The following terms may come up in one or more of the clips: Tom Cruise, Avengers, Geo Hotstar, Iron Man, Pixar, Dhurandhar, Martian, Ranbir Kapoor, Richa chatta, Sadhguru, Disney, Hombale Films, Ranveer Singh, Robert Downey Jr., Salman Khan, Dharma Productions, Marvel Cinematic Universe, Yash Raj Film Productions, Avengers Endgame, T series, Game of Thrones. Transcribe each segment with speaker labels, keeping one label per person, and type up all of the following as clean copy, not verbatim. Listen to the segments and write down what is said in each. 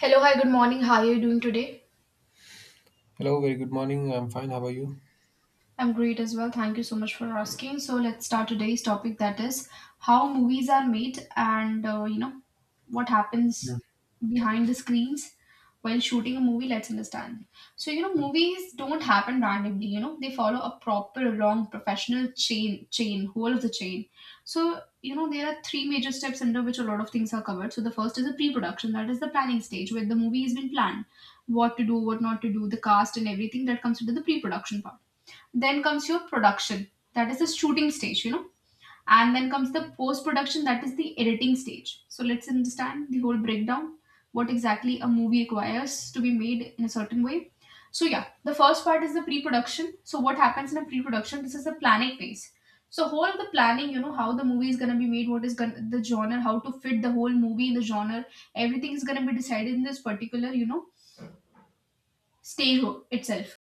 Speaker 1: Hello, hi, good morning. How are you doing today?
Speaker 2: Hello, very good morning. I'm fine. How are you?
Speaker 1: I'm great as well. Thank you so much for asking. So let's start today's topic, that is how movies are made, and what
Speaker 2: Mm.
Speaker 1: happens behind the screens while shooting a movie. Let's understand. So movies don't happen randomly. They follow a proper long professional chain, whole of the chain. So there are three major steps under which a lot of things are covered. So the first is the pre-production. That is the planning stage where the movie has been planned, what to do, what not to do, the cast and everything that comes into the pre-production part. Then comes your production, that is the shooting stage, and then comes the post production, that is the editing stage. So let's understand the whole breakdown, what exactly a movie requires to be made in a certain way. So, yeah, the first part is the pre production. So, what happens in a pre production? This is the planning phase. So, whole of the planning, how the movie is going to be made, what is gonna, the genre, how to fit the whole movie in the genre, everything is going to be decided in this particular, itself.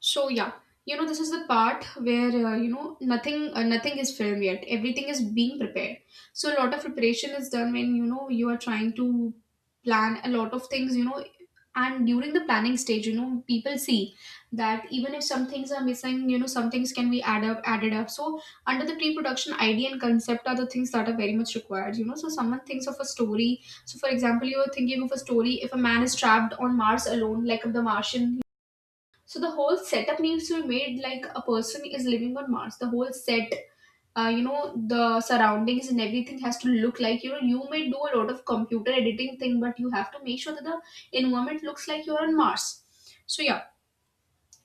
Speaker 1: So yeah, this is the part where nothing is filmed yet. Everything is being prepared. So a lot of preparation is done when you are trying to plan a lot of things. And during the planning stage, people see that even if some things are missing, some things can be added up. So under the pre-production, idea and concept are the things that are very much required. So someone thinks of a story. So for example, you are thinking of a story if a man is trapped on Mars alone, like the Martian, so the whole setup needs to be made like a person is living on Mars. The whole set, the surroundings and everything has to look like. You may do a lot of computer editing thing, but you have to make sure that the environment looks like you're on Mars. So yeah,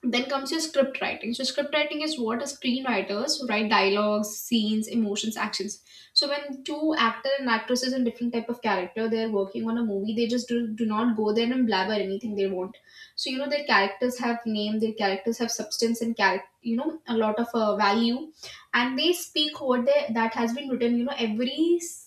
Speaker 1: then comes your script writing. So script writing is what a screenwriters write dialogues, scenes, emotions, actions. So when two actor and actresses and different type of character they're working on a movie, they just do not go there and blabber anything they want. So their characters have name, their characters have substance and character, a lot of value, and they speak what they that has been written. Every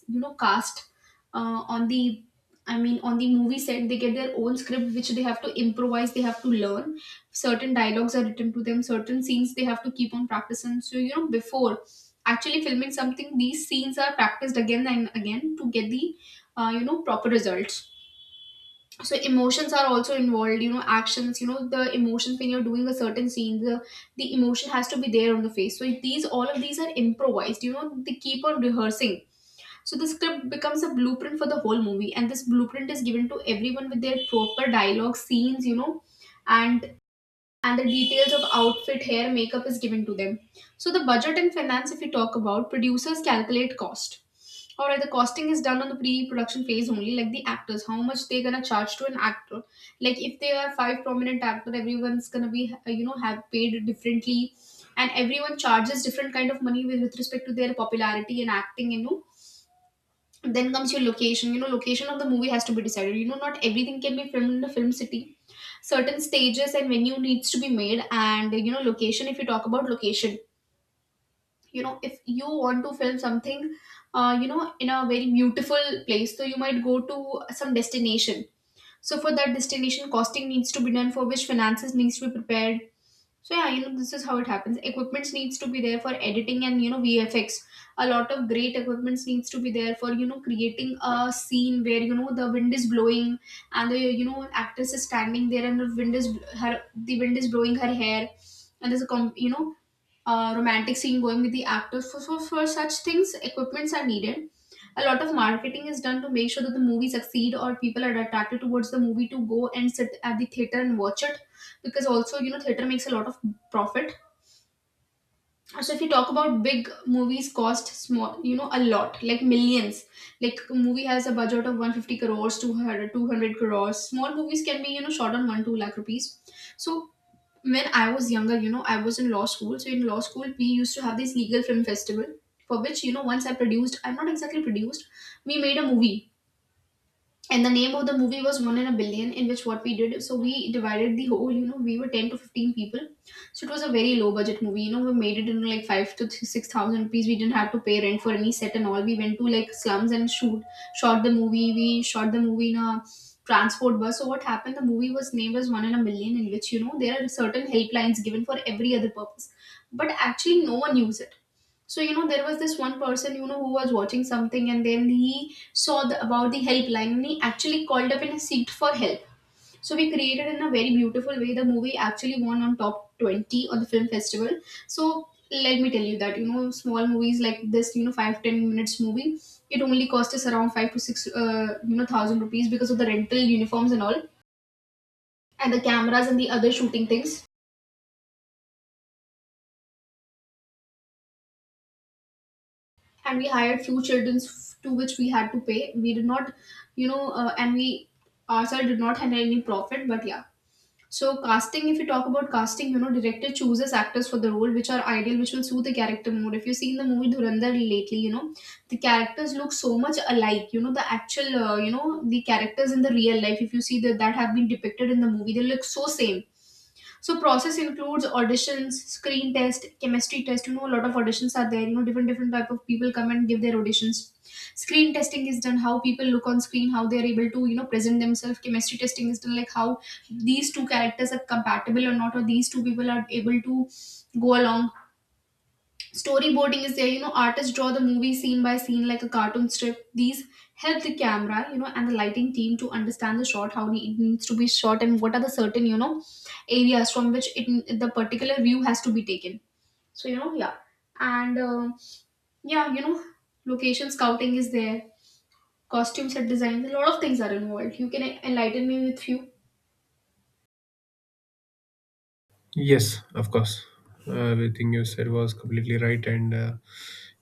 Speaker 1: cast on the, on the movie set, they get their own script which they have to improvise, they have to learn. Certain dialogues are written to them, certain scenes they have to keep on practicing, so before actually filming something, these scenes are practiced again and again to get the proper results. So emotions are also involved, actions, the emotions when you're doing a certain scene, the emotion has to be there on the face. So these, all of these are improvised, they keep on rehearsing. So the script becomes a blueprint for the whole movie, and this blueprint is given to everyone with their proper dialogue scenes, and and the details of outfit, hair, makeup is given to them. So the budget and finance, if we talk about, producers calculate cost. Alright, the costing is done on the pre-production phase only, like the actors, how much they're gonna charge to an actor. Like if they are five prominent actor, everyone's gonna be have paid differently, and everyone charges different kind of money with, respect to their popularity and acting. Then comes your location. Location of the movie has to be decided. Not everything can be filmed in the film city. Certain stages and venue needs to be made, and location, if you talk about location, if you want to film something in a very beautiful place, so you might go to some destination. So for that destination, costing needs to be done, for which finances needs to be prepared. So yeah, this is how it happens. Equipments needs to be there for editing and VFX. A lot of great equipments needs to be there for creating a scene where the wind is blowing, and the actress is standing there and the wind is blowing her hair, and there's a romantic scene going with the actors. For such things, equipments are needed. A lot of marketing is done to make sure that the movie succeed or people are attracted towards the movie to go and sit at the theater and watch it, because also theater makes a lot of profit. So if you talk about big movies cost small, a lot, like millions. Like a movie has a budget of 150 crores, 200 crores. Small movies can be shot on 1 2 lakh rupees. So when I was younger, I was in law school. So in law school, we used to have this legal film festival, for which, once I produced, I'm not exactly produced, we made a movie, and the name of the movie was One in a Billion, in which what we did, so we divided the whole, we were 10 to 15 people. So it was a very low budget movie, we made it into like 6 thousand rupees. We didn't have to pay rent for any set and all. We went to like slums and shoot shot the movie. We shot the movie in a transport bus. So what happened, the movie was named as One in a Million, in which there are certain helplines given for every other purpose, but actually no one used it. So there was this one person, who was watching something and then he saw about the helpline and he actually called up and seeked for help. So we created in a very beautiful way. The movie actually won on top 20 on the film festival. So let me tell you that small movies like this, 5 to 10 minutes movie, it only cost us around five to six thousand rupees because of the rental uniforms and all, and the cameras and the other shooting things, and we hired few children to which we had to pay. We did not, and we ourselves did not handle any profit, but yeah. So casting, if you talk about casting, director chooses actors for the role which are ideal, which will suit the character more. If you've seen the movie Dhurandhar lately, the characters look so much alike. The actual, the characters in the real life, if you see that that have been depicted in the movie, they look so same. So process includes auditions, screen test, chemistry test. A lot of auditions are there. Different type of people come and give their auditions. Screen testing is done, how people look on screen, how they are able to present themselves. Chemistry testing is done, like how these two characters are compatible or not, or these two people are able to go along. Storyboarding is there, artists draw the movie scene by scene like a cartoon strip. These help the camera and the lighting team to understand the shot, how it needs to be shot, and what are the certain areas from which it, the particular view has to be taken. So you know yeah and yeah you know location scouting is there, costume set design, a lot of things are involved. You can enlighten me with few.
Speaker 2: Yes, of course. Everything you said was completely right.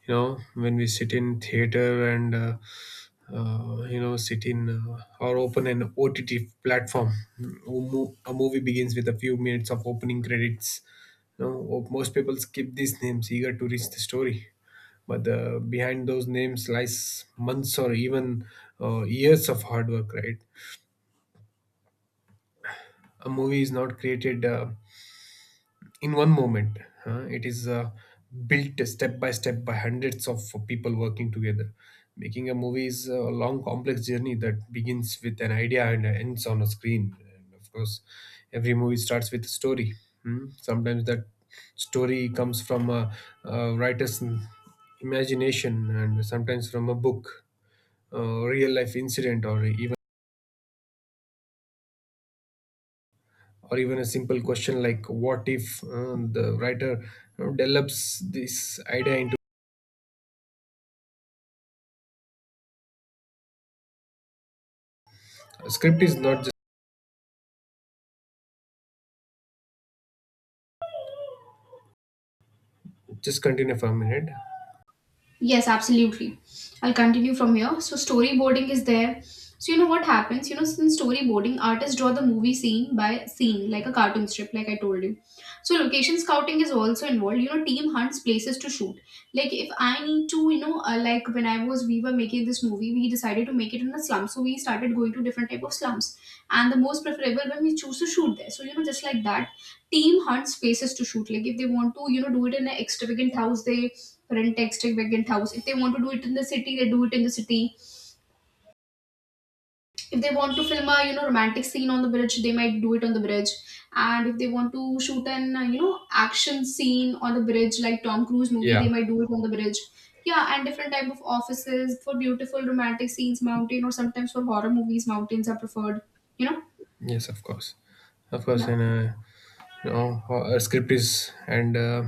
Speaker 2: You know, when we sit in theater you know, sit in or open an OTT platform, mm, a movie begins with a few minutes of opening credits. You know, most people skip these names, eager to reach the story. But behind those names lies months or even years of hard work, right? A movie is not created. In one moment. Huh? It is built step by step by hundreds of people working together. Making a movie is a long, complex journey that begins with an idea and ends on a screen. And of course, every movie starts with a story. Hmm? Sometimes that story comes from a writer's imagination, and sometimes from a book, a real life incident, or even a simple question like what if the writer develops this idea. Script is not just continue for a minute.
Speaker 1: Yes, absolutely. I'll continue from here. So storyboarding is there. So what happens? Since storyboarding, artists draw the movie scene by scene, like a cartoon strip, like I told you. So location scouting is also involved. Team hunts places to shoot. Like if I need to, like when I was, we were making this movie, we decided to make it in a slum. So we started going to different type of slums, and the most preferable when we choose to shoot there. So just like that, team hunts places to shoot. Like if they want to, do it in an extravagant house, they rent texting vacant house. If they want to do it in the city, they do it in the city. If they want to film a romantic scene on the bridge, they might do it on the bridge. And if they want to shoot an action scene on the bridge, like Tom Cruise movie, they
Speaker 2: Yeah.
Speaker 1: might do it on the bridge. Yeah, and different type of offices for beautiful romantic scenes, mountain, or sometimes for horror movies, mountains are preferred. You know,
Speaker 2: Yes, of course, of course.
Speaker 1: yeah.
Speaker 2: And you know, a script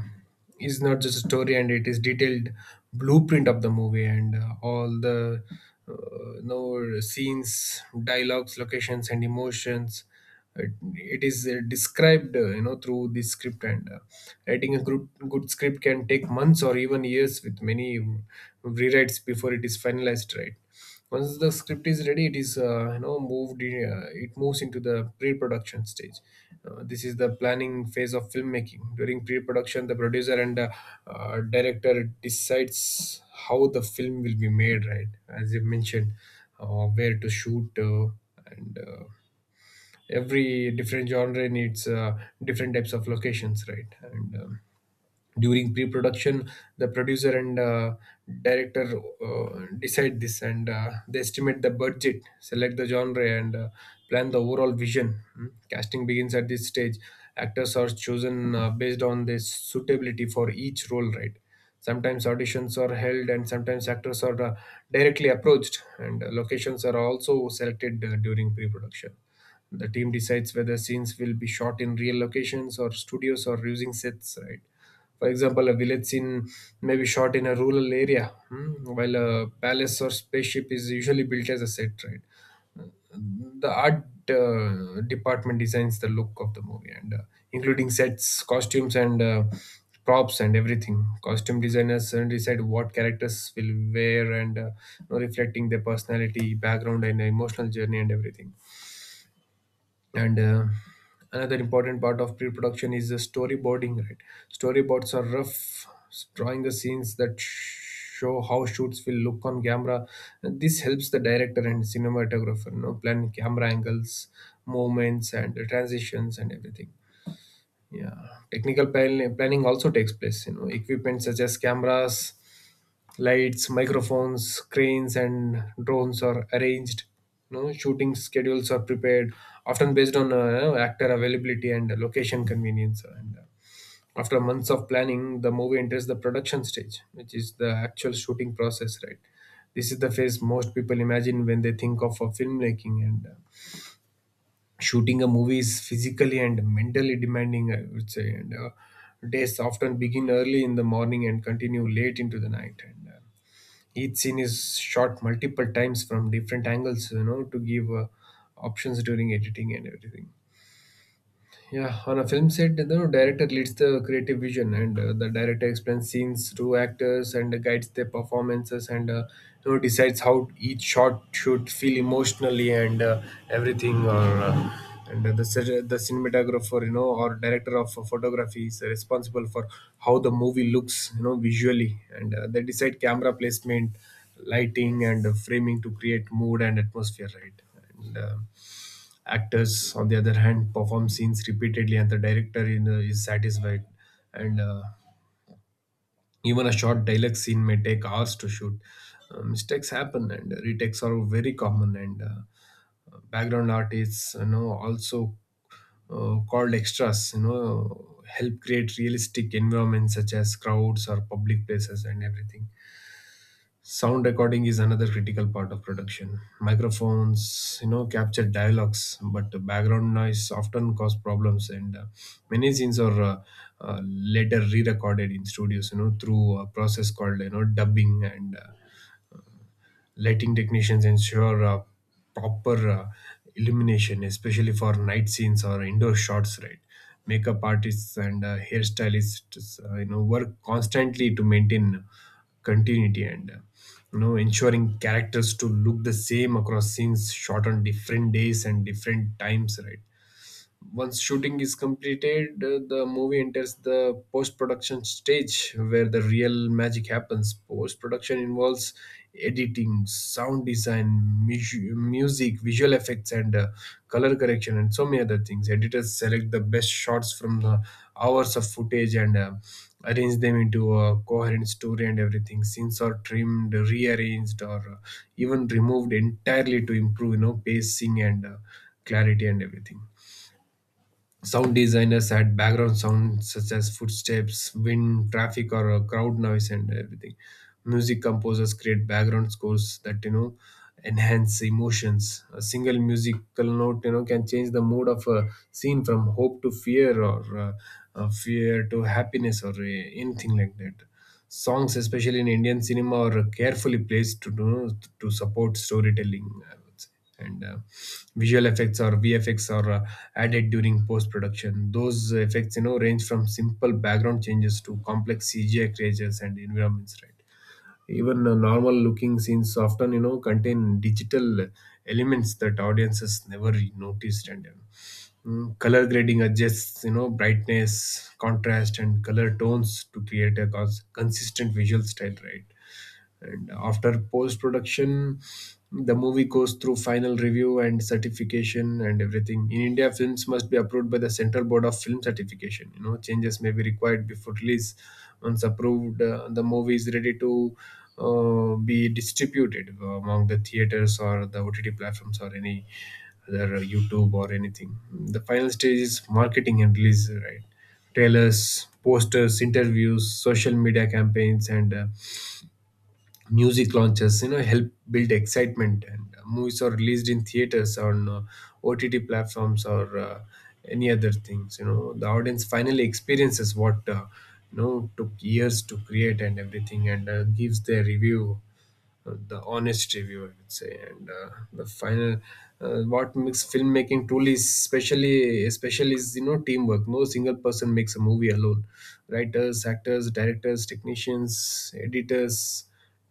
Speaker 2: is not just a story, and it is detailed blueprint of the movie and all the you know, scenes, dialogues, locations, and emotions. It is described, you know, through the script. And writing a good script can take months or even years, with many rewrites before it is finalized. Right, once the script is ready, it is you know it moves into the pre-production stage. This is the planning phase of filmmaking. During pre-production, the producer and director decides how the film will be made, right? As you mentioned, where to shoot, and every different genre needs different types of locations, right? and During pre-production, the producer and director decide this, and they estimate the budget, select the genre, and plan the overall vision. Hmm. Casting begins at this stage. Actors are chosen based on their suitability for each role, right? Sometimes auditions are held, and sometimes actors are directly approached, and locations are also selected during pre-production. The team decides whether scenes will be shot in real locations or studios or using sets, right? For example, a village scene may be shot in a rural area, hmm, while a palace or spaceship is usually built as a set, right? The art department designs the look of the movie, and including sets, costumes, and props and everything. Costume designers decide what characters will wear, and you know, reflecting their personality, background, and emotional journey, and everything. And Another important part of pre-production is the storyboarding, right? Storyboards are rough drawing the scenes that show how shoots will look on camera, and this helps the director and cinematographer, you know, plan camera angles, movements, and transitions and everything. Yeah, planning also takes place. You know, equipment such as cameras, lights, microphones, screens, and drones are arranged. You know, shooting schedules are prepared, often based on you know, actor availability and location convenience. And after months of planning, the movie enters the production stage, which is the actual shooting process, right? This is the phase most people imagine when they think of filmmaking, and shooting a movie is physically and mentally demanding, I would say. And days often begin early in the morning and continue late into the night. And each scene is shot multiple times from different angles, you know, to give options during editing and everything. Yeah, on a film set, the director leads the creative vision, and the director explains scenes to actors and guides their performances, and you know decides how each shot should feel emotionally and everything. Or and the cin- the cinematographer, you know, or director of photography is responsible for how the movie looks, you know, visually, and they decide camera placement, lighting, and framing to create mood and atmosphere, right? And Actors, on the other hand, perform scenes repeatedly, and the director, you know, is satisfied. And even a short dialogue scene may take hours to shoot. Mistakes happen, and retakes are very common. And background artists, you know, also called extras, you know, help create realistic environments such as crowds or public places and everything. Sound recording is another critical part of production. Microphones, you know, capture dialogues, but the background noise often cause problems, and many scenes are later re-recorded in studios, you know, through a process called you know dubbing. And Lighting technicians ensure proper illumination, especially for night scenes or indoor shots. Right, makeup artists and hairstylists, you know, work constantly to maintain continuity, and you know ensuring characters to look the same across scenes shot on different days and different times. Right, once shooting is completed, the movie enters the post production stage where the real magic happens. Post production involves editing, sound design, music, visual effects, and color correction and so many other things. Editors select the best shots from the hours of footage and arrange them into a coherent story and everything. Scenes are trimmed, rearranged, or even removed entirely to improve you know pacing and clarity and everything. Sound designers add background sounds such as footsteps, wind, traffic, or crowd noise, and everything. Music composers create background scores that you know enhance emotions. A single musical note you know can change the mood of a scene from hope to fear, or fear to happiness, or anything like that. Songs, especially in Indian cinema, are carefully placed to support storytelling, I would say. And Visual effects or VFX are added during post production. Those effects you know range from simple background changes to complex CGI creatures and environments, right? Even normal looking scenes often you know contain digital elements that audiences never noticed. Color grading adjusts you know brightness, contrast, and color tones to create a consistent visual style, right? And after post production, the movie goes through final review and certification and everything. In India, films must be approved by the Central Board of Film Certification. You know, changes may be required before release. Once approved, the movie is ready to be distributed among the theaters or the OTT platforms or any other YouTube or anything. The final stage is marketing and release, right? Trailers, posters, interviews, social media campaigns, and music launches, you know, help build excitement, and movies are released in theaters, on OTT platforms, or any other things. You know the audience finally experiences what you know took years to create and everything, and gives their review, the honest review, I would say. And uh, the final uh, what makes filmmaking truly especially is you know teamwork. No single person makes a movie alone. Writers, actors, directors, technicians, editors,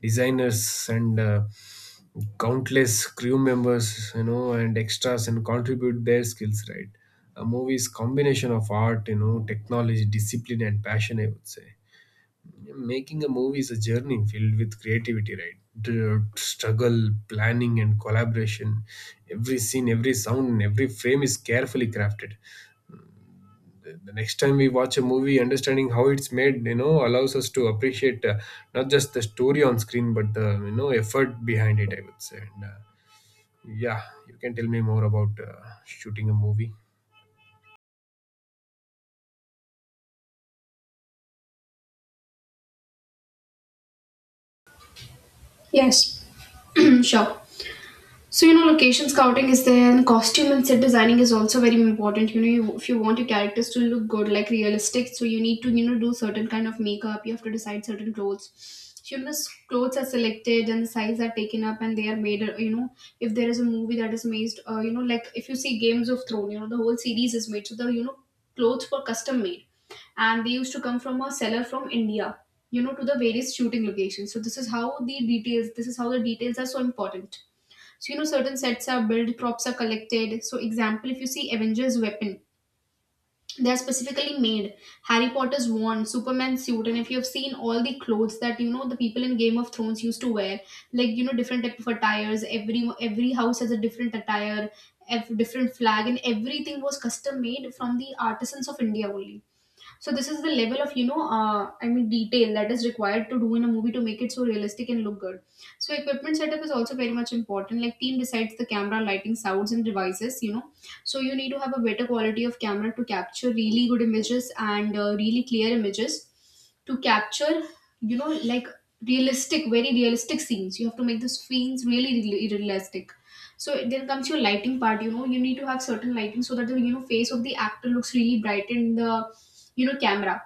Speaker 2: designers, and countless crew members, you know, and extras, and contribute their skills, right? A movie is combination of art, you know, technology, discipline, and passion, I would say. Making a movie is a journey filled with creativity, right? The struggle, planning, and collaboration. Every scene, every sound, and every frame is carefully crafted. The the next time we watch a movie, understanding how it's made you know allows us to appreciate not just the story on screen but the you know effort behind it, I would say. And yeah, you can tell me more about shooting a movie.
Speaker 1: Yes. Sure. So location scouting is there, and costume and set designing is also very important. If you want your characters to look good, like realistic, so you need to do certain kind of makeup. You have to decide certain clothes. So, the clothes are selected and the size are taken up, and they are made. If there is a movie that is made, like if you see Games of Throne, the whole series is made. So the clothes were custom made, and they used to come from a seller from India, to the various shooting locations. So this is how the details. This is how the details are so important. So certain sets are built, props are collected. So example, if you see Avengers weapon, they are specifically made. Harry Potter's wand, Superman's suit, and if you have seen all the clothes that the people in Game of Thrones used to wear, like different type of attires. Every house has a different attire, different flag, and everything was custom made from the artisans of India only. So this is the level of I mean detail that is required to do in a movie to make it so realistic and look good. So equipment setup is also very much important. Like team decides the camera, lighting, sounds and devices. So you need to have a better quality of camera to capture really good images and really clear images to capture, like realistic, very realistic scenes. You have to make the scenes really, really realistic. So then comes your lighting part. You need to have certain lighting so that the face of the actor looks really bright and the camera.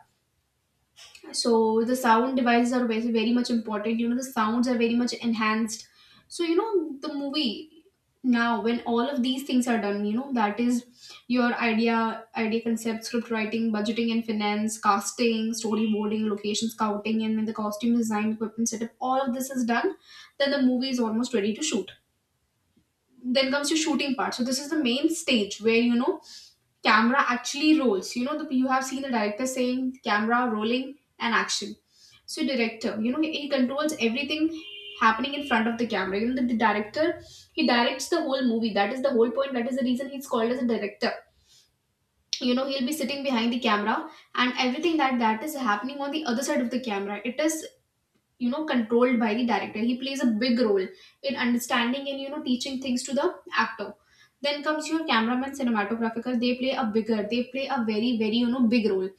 Speaker 1: So the sound devices are very, very much important. The sounds are very much enhanced. So the movie, now when all of these things are done, that is your idea concept, script writing, budgeting and finance, casting, storyboarding, location scouting, and then the costume design, equipment setup, all of this is done. Then the movie is almost ready to shoot. Then comes your shooting part. So this is the main stage where, camera actually rolls. You have seen the director saying camera rolling and action. So director, he controls everything happening in front of the camera. The director, he directs the whole movie. That is the whole point. That is the reason he's called as a director. He'll be sitting behind the camera, and everything that is happening on the other side of the camera, it is controlled by the director. He plays a big role in understanding and teaching things to the actor. Then comes your cameraman, cinematographer. They play a very, very big role.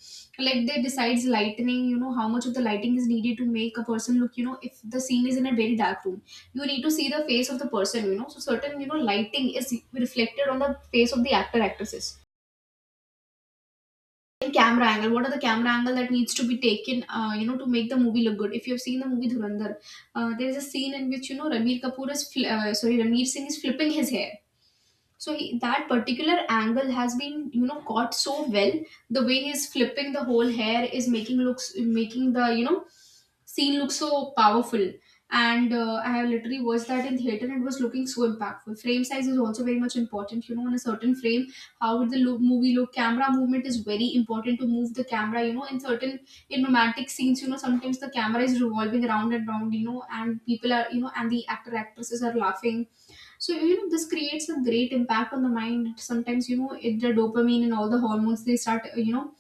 Speaker 1: Like they decides lightning, how much of the lighting is needed to make a person look. If the scene is in a very dark room, you need to see the face of the person, so certain lighting is reflected on the face of the actor actresses. Camera angle, what are the camera angle that needs to be taken, to make the movie look good? If you have seen the movie Dhurandhar, there is a scene in which Ranbir Kapoor is sorry, Ranveer Singh is flipping his hair. So that particular angle has been caught so well. The way he's flipping the whole hair is making, looks making the scene look so powerful. And I have literally watched that in theater and it was looking so impactful. Frame size is also very much important. In a certain frame, how would movie look. Camera movement is very important to move the camera, in certain, in romantic scenes, sometimes the camera is revolving around and round, and people are, and the actor actresses are laughing. So this creates a great impact on the mind. Sometimes, the dopamine and all the hormones they start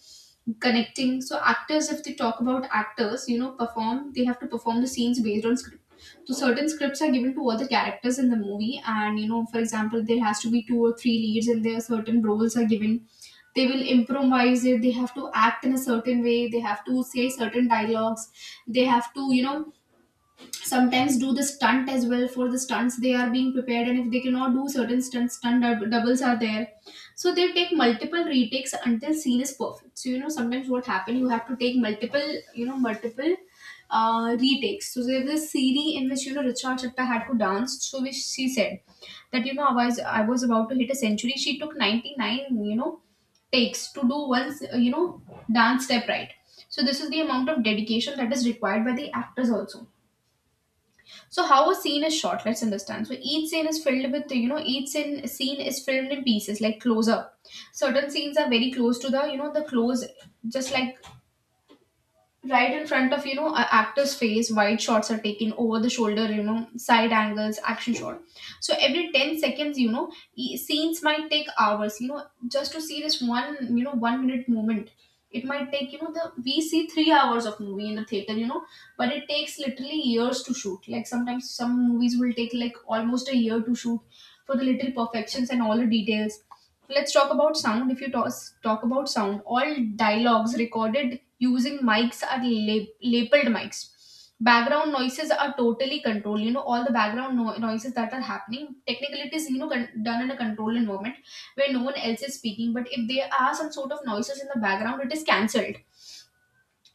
Speaker 1: connecting. So actors, if they talk about actors, you know perform they have to perform the scenes based on script. So certain scripts are given to other characters in the movie, and for example there has to be two or three leads, and there are certain roles are given. They will improvise it. They have to act in a certain way. They have to say certain dialogues. They have to sometimes do the stunt as well. For the stunts they are being prepared, and if they cannot do certain stunts, stunt doubles are there. So they take multiple retakes until scene is perfect. So sometimes what happen, you have to take multiple, you know multiple retakes. So there's this series in which Richa chatta had to dance. So which she said that, I was about to hit a century. She took 99 takes to do once, dance step, right? So this is the amount of dedication that is required by the actors also. So how a scene is shot, let's understand. So each scene is filled with, each scene is filmed in pieces like close up. Certain scenes are very close to the close, just like right in front of, an actor's face. Wide shots are taken over the shoulder, side angles, action shot. So every 10 seconds, scenes might take hours, just to see this one, 1 minute moment. It might take, you know the we see 3 hours of movie in the theater, but it takes literally years to shoot. Like sometimes some movies will take like almost a year to shoot, for the little perfections and all the details. Let's talk about sound. If talk about sound, all dialogues recorded using mics are labeled mics. Background noises are totally controlled. All the background noises that are happening, technically it is done in a controlled environment, where no one else is speaking. But if there are some sort of noises in the background, it is cancelled.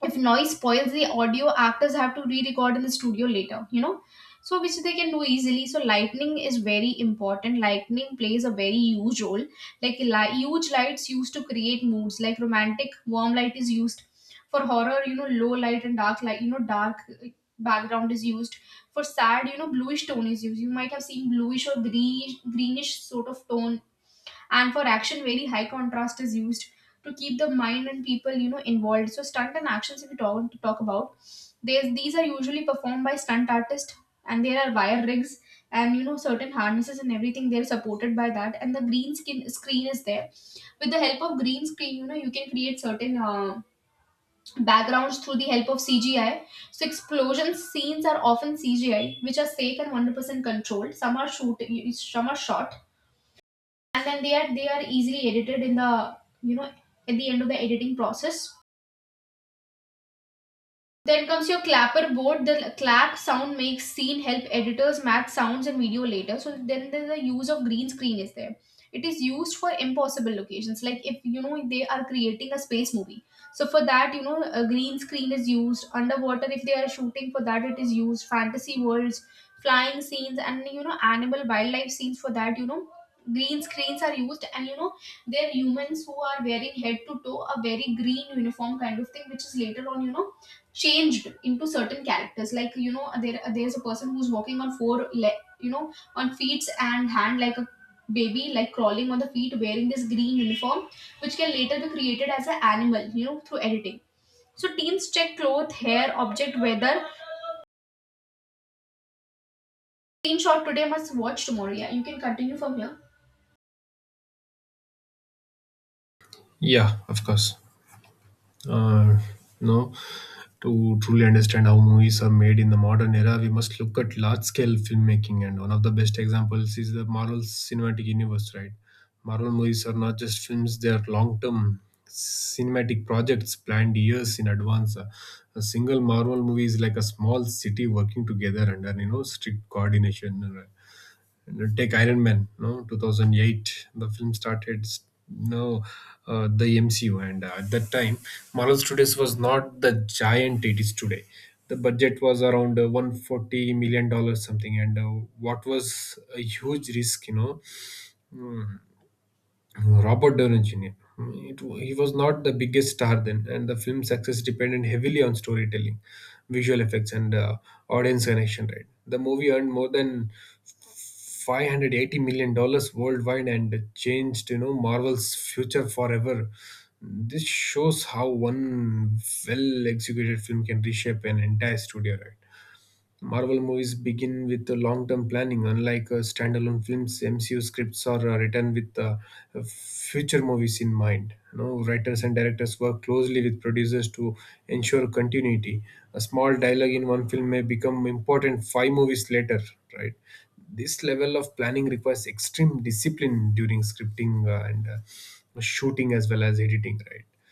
Speaker 1: If noise spoils the audio, actors have to re-record in the studio later, so which they can do easily. So lightning is very important. Lightning plays a very huge role. Like huge lights used to create moods. Like romantic, warm light is used. For horror, low light and dark light, you know dark background is used. For sad, bluish tone is used. You might have seen bluish or greenish sort of tone. And for action, very high contrast is used to keep the mind and people involved. So stunt and actions, if you talk about, there's these are usually performed by stunt artists, and there are wire rigs, and certain harnesses and everything. They're supported by that, and the green skin screen is there. With the help of green screen, you can create certain, backgrounds through the help of cgi. So explosion scenes are often cgi, which are safe and 100% controlled. Some are shot, and then they are easily edited in the, you know at the end of the editing process. Then comes your clapper board. The clap sound makes scene help editors match sounds and video later. So then there's the use of green screen is there. It is used for impossible locations, like if they are creating a space movie. So for that, a green screen is used. Underwater, if they are shooting for that, it is used. Fantasy worlds, flying scenes, and, animal wildlife scenes for that. Green screens are used, and, they're humans who are wearing head to toe a very green uniform kind of thing, which is later on, changed into certain characters, like there's a person who's walking on four on feet and hand like a baby, like crawling on the feet, wearing this green uniform, which can later be created as an animal, through editing. So teams check clothes, hair, object, weather, screenshot today must watch tomorrow. Yeah, you can continue from here.
Speaker 2: Yeah, of course. Uh, no To truly understand how movies are made in the modern era, we must look at large scale filmmaking, and one of the best examples is the Marvel Cinematic Universe, right? Marvel movies are not just films, they are long term cinematic projects planned years in advance. A single Marvel movie is like a small city working together under you know strict coordination, right? You know, take Iron Man, no, 2008. The film started, no, the MCU, and at that time, Marvel Studios was not the giant it is today. The budget was around 140 million dollars something, and what was a huge risk, you know. Hmm. Robert Downey Jr. He was not the biggest star then, and the film's success depended heavily on storytelling, visual effects, and audience connection. Right, the movie earned more than $580 million worldwide and changed, you know, Marvel's future forever. This shows how one well-executed film can reshape an entire studio. Right. Marvel movies begin with a long-term planning, unlike standalone films. MCU scripts are written with future movies in mind. Writers and directors work closely with producers to ensure continuity. A small dialogue in one film may become important five movies later. Right, this level of planning requires extreme discipline during scripting and shooting as well as editing. Right.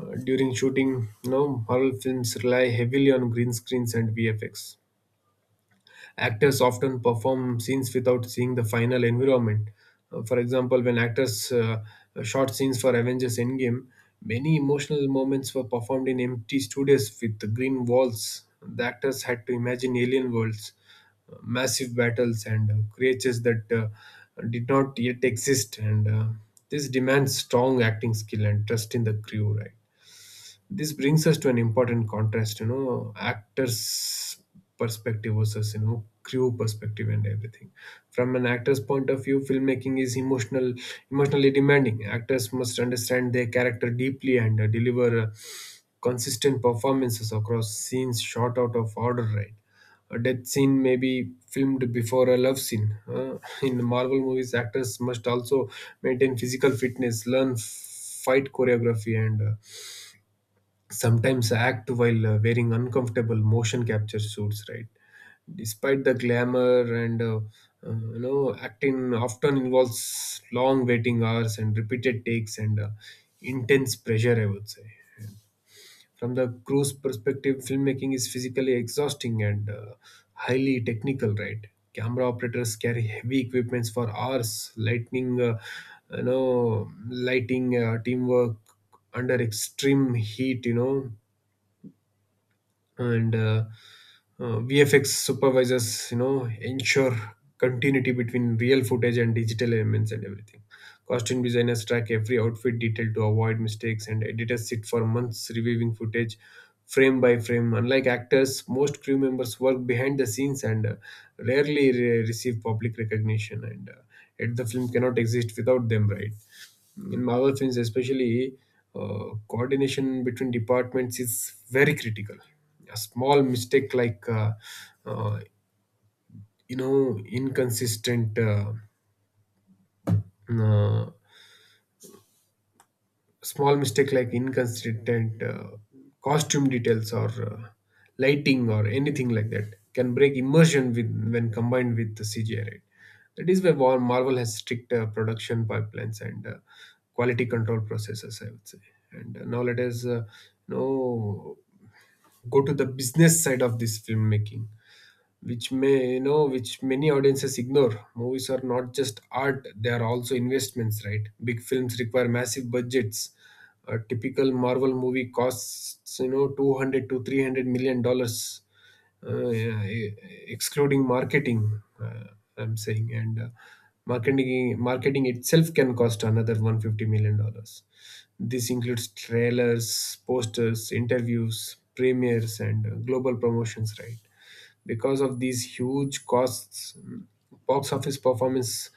Speaker 2: During shooting, Marvel films rely heavily on green screens and VFX. Actors often perform scenes without seeing the final environment. For example, when actors shot scenes for Avengers Endgame, many emotional moments were performed in empty studios with green walls. The actors had to imagine alien worlds, massive battles, and creatures that did not yet exist. And This demands strong acting skill and trust in the crew, right? This brings us to an important contrast, actors' perspective versus, crew perspective and everything. From an actor's point of view, filmmaking is emotional, emotionally demanding. Actors must understand their character deeply and deliver consistent performances across scenes shot out of order, right? A death scene may be filmed before a love scene. In the Marvel movies, actors must also maintain physical fitness, learn fight choreography, and sometimes act while wearing uncomfortable motion capture suits, right? Despite the glamour and acting often involves long waiting hours and repeated takes and intense pressure, I would say. From the crew's perspective, filmmaking is physically exhausting and highly technical, right? Camera operators carry heavy equipments for hours, lightning you know lighting, teamwork under extreme heat, you know and VFX supervisors, ensure continuity between real footage and digital elements and everything. Costume designers track every outfit detail to avoid mistakes, and editors sit for months reviewing footage frame by frame. Unlike actors, most crew members work behind the scenes and rarely receive public recognition, and yet the film cannot exist without them, right? In Marvel films, especially, coordination between departments is very critical. A small mistake like, uh, you know, inconsistent uh, small mistake like inconsistent costume details or lighting or anything like that can break when combined with the CGI. Right? That is why Marvel has strict production pipelines and quality control processes, I would say. And Now let us you know go to the business side of this filmmaking, which, may which many audiences ignore. Movies are not just art, they are also investments, right? Big films require massive budgets. A typical Marvel movie costs, 200 to 300 million dollars, yeah, excluding marketing, I'm saying. And marketing itself can cost another 150 million dollars. This includes trailers, posters, interviews, premieres, and global promotions, right? Because of these huge costs, box office performance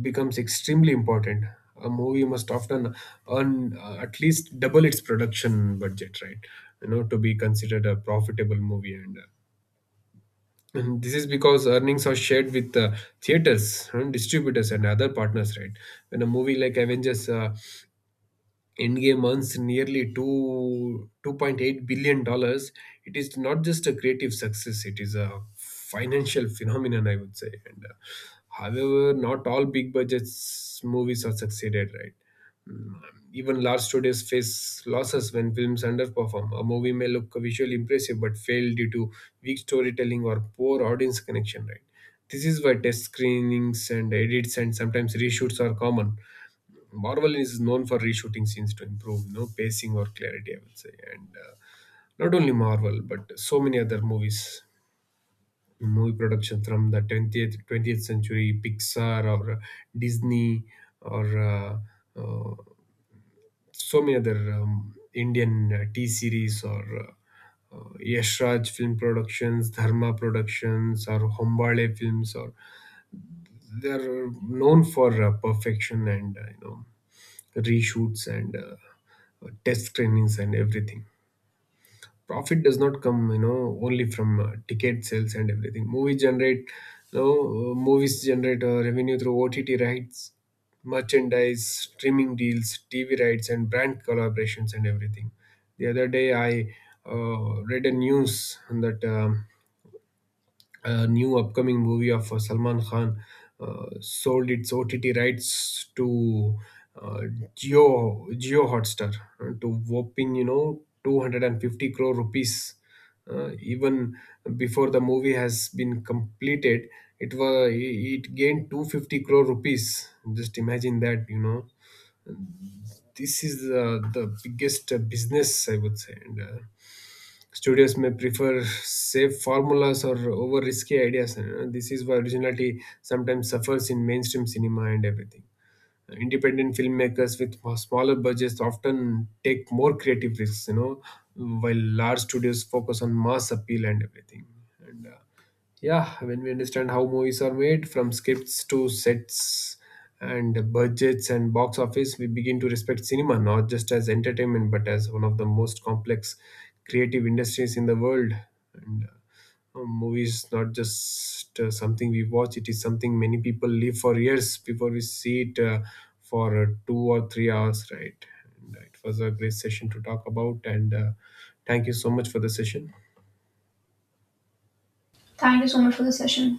Speaker 2: becomes extremely important. A movie must often earn at least double its production budget, right? To be considered a profitable movie. And this is because earnings are shared with theaters, and distributors, and other partners, right? When a movie like Avengers Endgame earns nearly two 2.8 billion dollars, it is not just a creative success; it is a financial phenomenon, I would say. And however, not all big budgets movies are succeeded, right? Mm. Even large studios face losses when films underperform. A movie may look visually impressive but fail due to weak storytelling or poor audience connection, right? This is why test screenings and edits and sometimes reshoots are common. Marvel is known for reshooting scenes to improve, pacing or clarity, I would say. And Not only Marvel, but so many other movie production from the 20th century, Pixar or Disney or uh, so many other Indian, T Series or Yash Raj Film Productions, Dharma Productions, or Hombale Films, or they're known for perfection and, reshoots and test screenings and everything. Profit does not come, only from ticket sales and everything. Movies generate revenue through OTT rights, merchandise, streaming deals, TV rights, and brand collaborations and everything. The other day I read a news that a new upcoming movie of Salman Khan sold its OTT rights to uh, Geo Hotstar, to whopping, 250 crore rupees. Even before the movie has been completed, it gained 250 crore rupees. Just imagine that, this is the biggest business, I would say. And. Studios may prefer safe formulas or over risky ideas. This is why originality sometimes suffers in mainstream cinema and everything. Independent filmmakers with smaller budgets often take more creative risks, while large studios focus on mass appeal and everything. And Yeah, when we understand how movies are made, from scripts to sets and budgets and box office, we begin to respect cinema not just as entertainment but as one of the most complex creative industries in the world. And Movies not just something we watch; it is something many people live for years before we see it for 2 or 3 hours, right? And It was a great session to talk about, and thank you so much for the session.
Speaker 1: Thank you so much for the session.